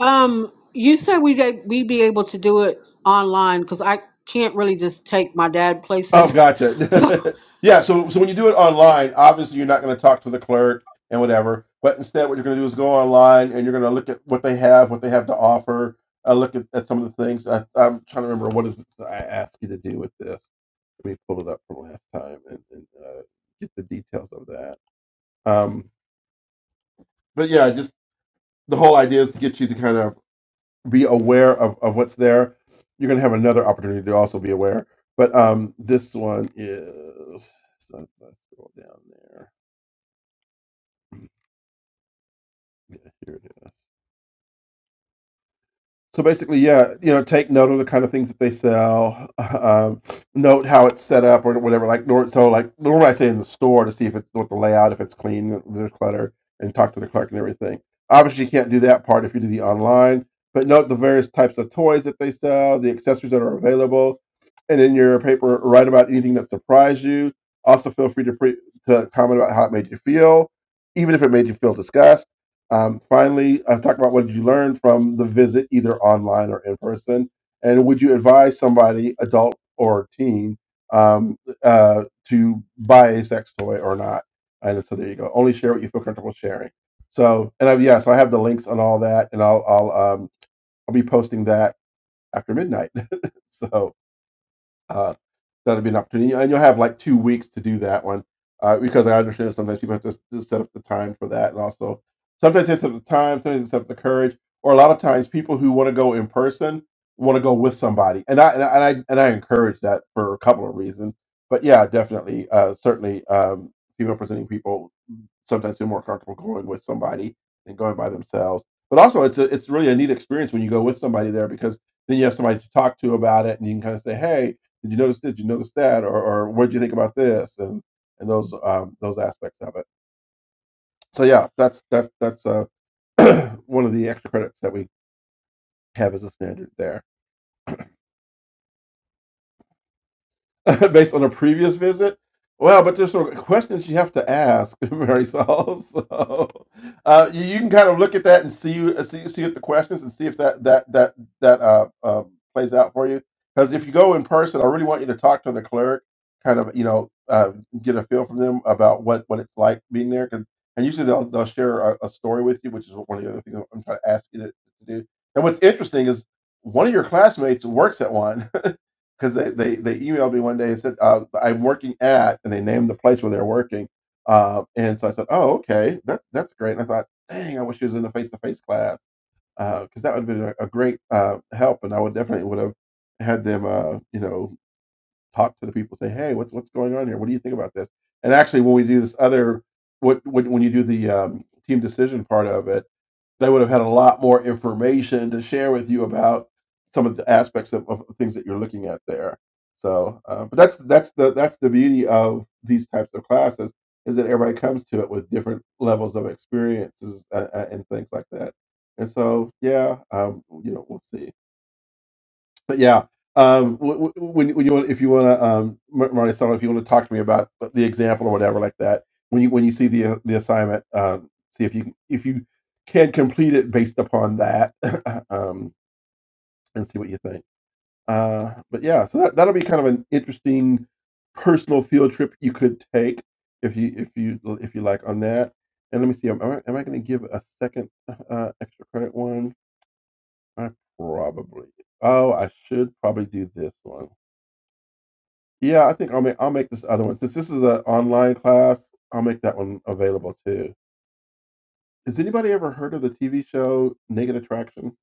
Um, you said we would we be able to do it online because I can't really just take my dad
Oh,
places. So
gotcha. yeah, so so when you do it online, obviously you're not going to talk to the clerk and whatever. But instead, what you're going to do is go online and you're going to look at what they have, what they have to offer. I look at, at some of the things. I, I'm trying to remember what is it that I asked you to do with this. Let me pull it up from last time and, and uh, get the details of that. Um, but yeah, just the whole idea is to get you to kind of be aware of, of what's there. You're going to have another opportunity to also be aware. But um, this one is, so let's scroll down there. Yeah, here it is. So basically, yeah, you know, take note of the kind of things that they sell. Um, note how it's set up or whatever. Like, nor, so like normally I say in the store to see if it's what the layout, if it's clean, if there's clutter, and talk to the clerk and everything. Obviously, you can't do that part if you do the online. But note the various types of toys that they sell, the accessories that are available, and in your paper, write about anything that surprised you. Also, feel free to pre- to comment about how it made you feel, even if it made you feel disgust um, finally, uh, talk about what did you learn from the visit, either online or in person, and would you advise somebody, adult or teen, um, uh, to buy a sex toy or not? And so there you go. Only share what you feel comfortable sharing. So, and I, yeah, so I have the links on all that, and I'll I'll um, I'll be posting that after midnight. so uh, that'll be an opportunity, and you'll have like two weeks to do that one uh, because I understand sometimes people have to, s- to set up the time for that, and also sometimes it's up the time, sometimes it's up the courage, or a lot of times people who want to go in person want to go with somebody, and I and I and I and I encourage that for a couple of reasons, but yeah, definitely, uh, certainly, um, female presenting people sometimes feel more comfortable going with somebody than going by themselves. But also, it's a, it's really a neat experience when you go with somebody there because then you have somebody to talk to about it, and you can kind of say, "Hey, did you notice this? Did you notice that? Or, or what did you think about this?" and and those um, those aspects of it. So yeah, that's that's that's uh, one of the extra credits that we have as a standard there. based on a previous visit. Well, but there's some questions you have to ask, Mary Saul. So uh, you, you can kind of look at that and see uh, see see at the questions and see if that that that that uh, uh, plays out for you. Because if you go in person, I really want you to talk to the clerk, kind of you know uh, get a feel from them about what what it's like being there. 'Cause- and usually they'll they'll share a, a story with you, which is one of the other things I'm trying to ask you to, to do. And what's interesting is one of your classmates works at one because they, they they emailed me one day and said uh, I'm working at, and they named the place where they're working. Uh, and so I said, oh okay, that that's great. And I thought, dang, I wish she was in the face to face class because that would have been a, a great uh, help, and I would definitely would have had them uh, you know talk to the people, say, hey, what's what's going on here? What do you think about this? And actually, when we do this other, what, what when you do the um, team decision part of it they would have had a lot more information to share with you about some of the aspects of, of things that you're looking at there. So, uh, but that's that's the that's the beauty of these types of classes is that everybody comes to it with different levels of experiences uh, uh, and things like that. And so, yeah, um, you know, we'll see but yeah, um, w- w- when when you want, if you want to, um, Mar- Marty, Solo, if you want to talk to me about the example or whatever like that, when you when you see the uh, the assignment, um, see if you if you can complete it based upon that, um, and see what you think. Uh, but yeah, so that that'll be kind of an interesting personal field trip you could take if you if you if you like on that. And let me see, am I, am I going to give a second uh, extra credit one? I probably. Oh, I should probably do this one. Yeah, I think I'll make I'll make this other one since this is an online class. I'll make that one available too. Has anybody ever heard of the TV show Naked Attraction?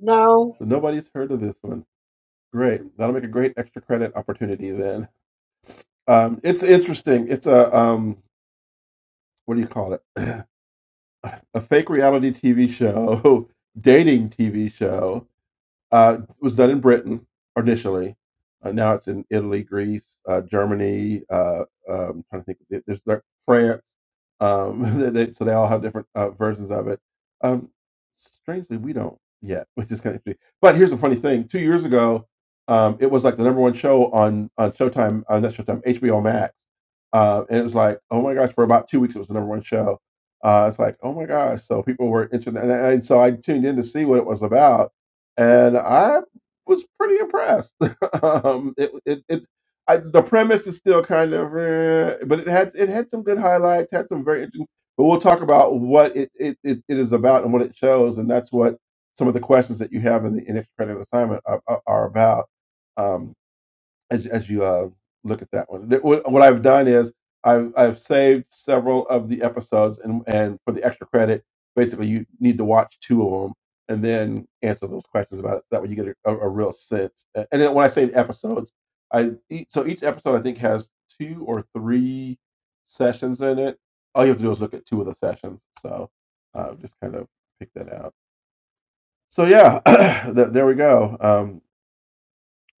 no,
So nobody's heard of this one. Great, that'll make a great extra credit opportunity then. Um, it's interesting. It's a um, what do you call it? a fake reality TV show, dating TV show Uh, it was done in Britain initially. Uh, now it's in Italy, Greece, uh, Germany. Uh, um, I'm trying to think, there- there's like France. Um, they, they- so they all have different uh, versions of it. Um, strangely, we don't yet, which is kind of interesting. But here's a funny thing: two years ago, um, it was like the number one show on on Showtime, uh, not Showtime, HBO Max. Uh, and it was like, oh my gosh, for about two weeks, it was the number one show. Uh, it's like, oh my gosh! So people were interested, and, and so I tuned in to see what it was about and I was pretty impressed. um, it, it, it, I, the premise is still kind of, eh, but it had it had some good highlights, had some very interesting. But we'll talk about what it, it, it, it is about and what it shows, and that's what some of the questions that you have in the in extra credit assignment are, are are about. Um, as, as you uh, look at that one. Th- What what I've done is I've, I've saved several of the episodes, and, and for the extra credit, basically you need to watch two of them and then answer those questions about it. So that way you get a, a, a real sense. A- And then when I say episodes, I each, so each episode I think has two or three sessions in it. All you have to do is look at two of the sessions. So uh, just kind of pick that out. So yeah, th- there we go. Um,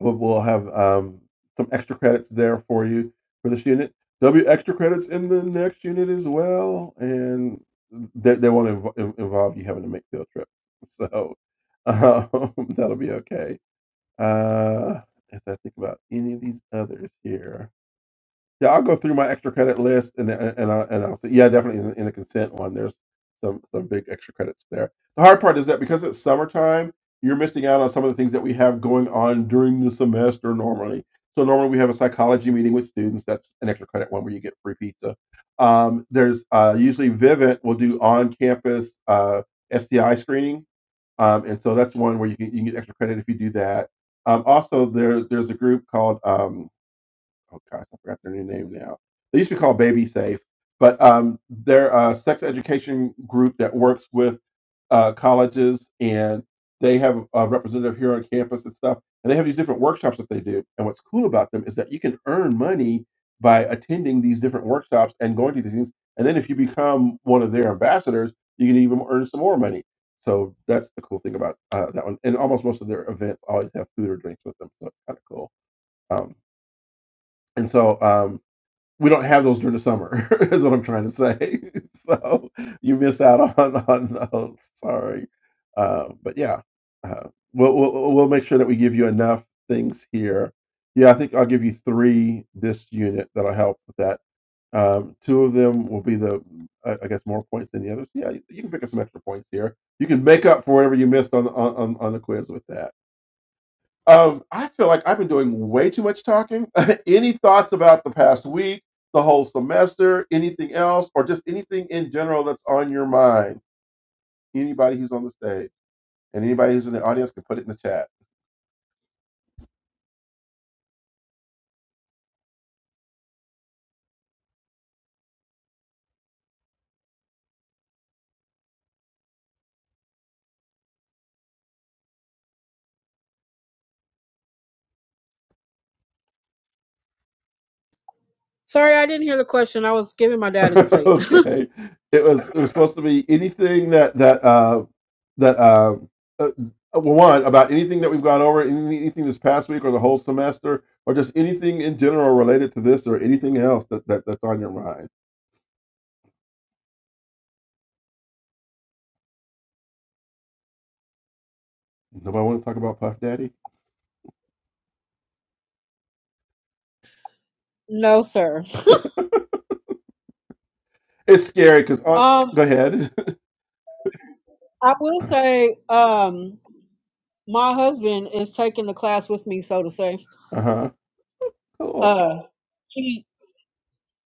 We'll, we'll have um, some extra credits there for you for this unit. There'll be extra credits in the next unit as well, and they, they won't inv- involve you having to make field trips. So um, that'll be okay. Uh, as I think about any of these others here. Yeah, I'll go through my extra credit list and and and I'll, and I'll say, yeah, definitely in, the- in the consent one. There's some some big extra credits there. The hard part is that because it's summertime, you're missing out on some of the things that we have going on during the semester normally. So normally we have a psychology meeting with students. That's an extra credit one where you get free pizza. Um, there's uh, usually Vivint will do on campus uh, STI screening, um, and so that's one where you can you can get extra credit if you do that. Um, also, there there's a group called um, oh gosh, I forgot their new name now. They used to be called Baby Safe, but um, they're a sex education group that works with uh, colleges, and they have a representative here on campus and stuff. And they have these different workshops that they do. And what's cool about them is that you can earn money by attending these different workshops and going to these things. And then if you become one of their ambassadors, you can even earn some more money. So that's the cool thing about uh, that one. And almost most of their events always have food or drinks with them, so it's kind of cool. Um, and so, um, we don't have those during the summer. is what I'm trying to say. so you miss out on on those. Sorry, uh, but yeah, uh, we'll, we'll we'll make sure that we give you enough things here. Yeah, I think I'll give you three this unit that'll help with that. Um, two of them will be the, I I guess, more points than the others. Yeah, you you can pick up some extra points here. You can make up for whatever you missed on on, on on the quiz with that. Um, I feel like I've been doing way too much talking. Any thoughts about the past week, the whole semester, anything else, or just anything in general that's on your mind? Anybody who's on the stage and anybody who's in the audience can put it in the chat.
sorry, I didn't hear the question. I was giving my dad his plate.
okay, it was it was supposed to be anything that that uh, that uh, uh, well, one about anything that we've gone over, any- anything this past week or the whole semester, or just anything in general related to this or anything else that, that that's on your mind. Nobody want to talk about Puff Daddy?
No, sir.
It's scary because on.
Um,
Go ahead.
I will say, um, my husband is taking the class with me, so to say.
uh huh. Cool.
Uh, he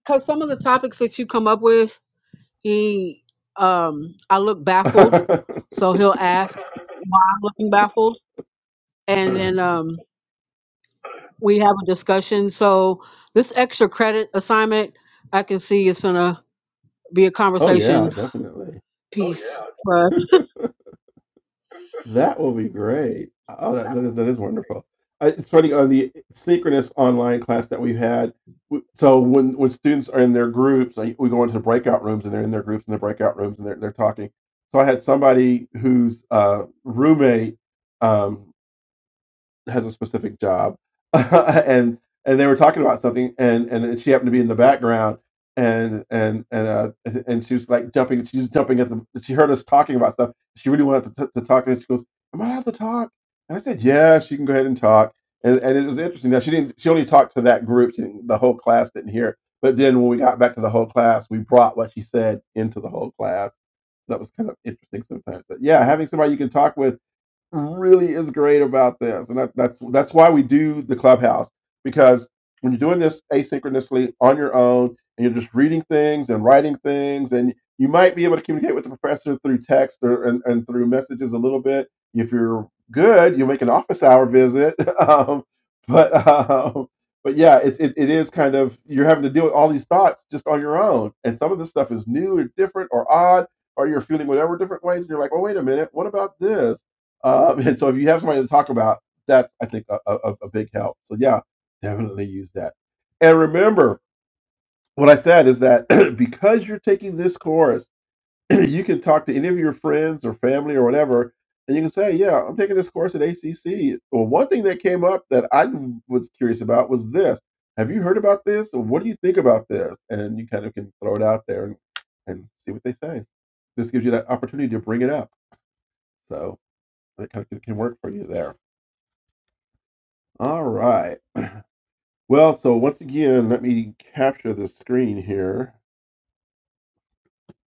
because some of the topics that you come up with, he um, I look baffled, so he'll ask why I'm looking baffled, and then um. we have a discussion. So this extra credit assignment, I can see it's gonna be a
oh yeah,
conversation
definitely.
piece. for us.
That will be great. Oh, that, that, is, that is wonderful. I, it's funny on the synchronous online class that we've had. w- So when when students are in their groups, like we go into the breakout rooms and they're in their groups in the breakout rooms and they're they're talking. So I had somebody whose uh, roommate. Um, has a specific job, and and they were talking about something, and and she happened to be in the background, and and and uh, and she was like jumping, she was jumping at the, she heard us talking about stuff. She really wanted to, t- to talk, and she goes, "Am I allowed to talk?" And I said, "Yeah, she can go ahead and talk." And and it was interesting. Now she didn't, she only talked to that group. She didn't, the whole class didn't hear it. But then when we got back to the whole class, we brought what she said into the whole class. That was kind of interesting sometimes. But yeah, having somebody you can talk with really is great about this, and that, that's that's why we do the clubhouse because when you're doing this asynchronously on your own and you're just reading things and writing things, and you might be able to communicate with the professor through text or and, and through messages a little bit. If you're good, you'll make an office hour visit. Um, but um, but yeah, it's it, it is kind of you're having to deal with all these thoughts just on your own, and some of this stuff is new or different or odd, or you're feeling whatever different ways, and you're like, well, wait a minute, what about this? Um, and so if you have somebody to talk about, that's I think a, a, a big help. So yeah, definitely use that. And remember what I said is that because you're taking this course, you can talk to any of your friends or family or whatever, and you can say, yeah, I'm taking this course at ACC. Well, one thing that came up that I was curious about was this. Have you heard about this? Or What do you think about this? And you kind of can throw it out there and, and see what they say. This gives you that opportunity to bring it up. So that kind of can can work for you there. All right. Well, so once again, let me capture the screen here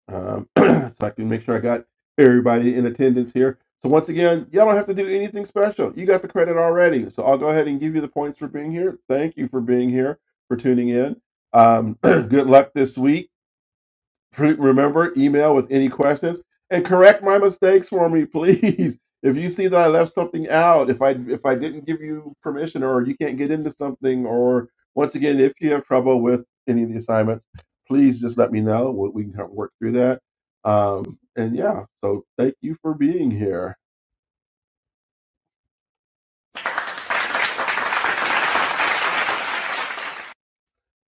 um, so I can make sure I got everybody in attendance here. So once again, y'all don't have to do anything special. You got the credit already. So I'll go ahead and give you the points for being here. Thank you for being here, for tuning in. Um, good luck this week. Remember, email with any questions and correct my mistakes for me, please. If you see that I left something out, if I if I didn't give you permission, or you can't get into something, or once again, if you have trouble with any of the assignments, please just let me know. We we can help work through that. Um, and yeah, so thank you for being here,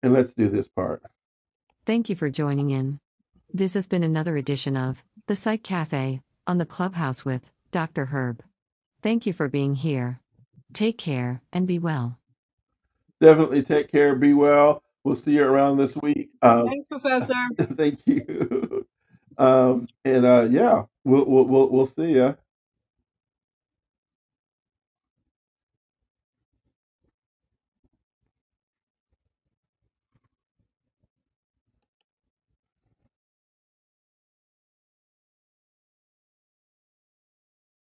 and let's do this part. Thank you for joining in. This has been another edition of The Psych Cafe on the Clubhouse with Dr. Herb. Thank you for being here. Take care and be well. Definitely take care. Be well. We'll see you around this week. Um,
Thanks, Professor.
thank you. Um, and uh, yeah, we'll, we'll, we'll, we'll see you.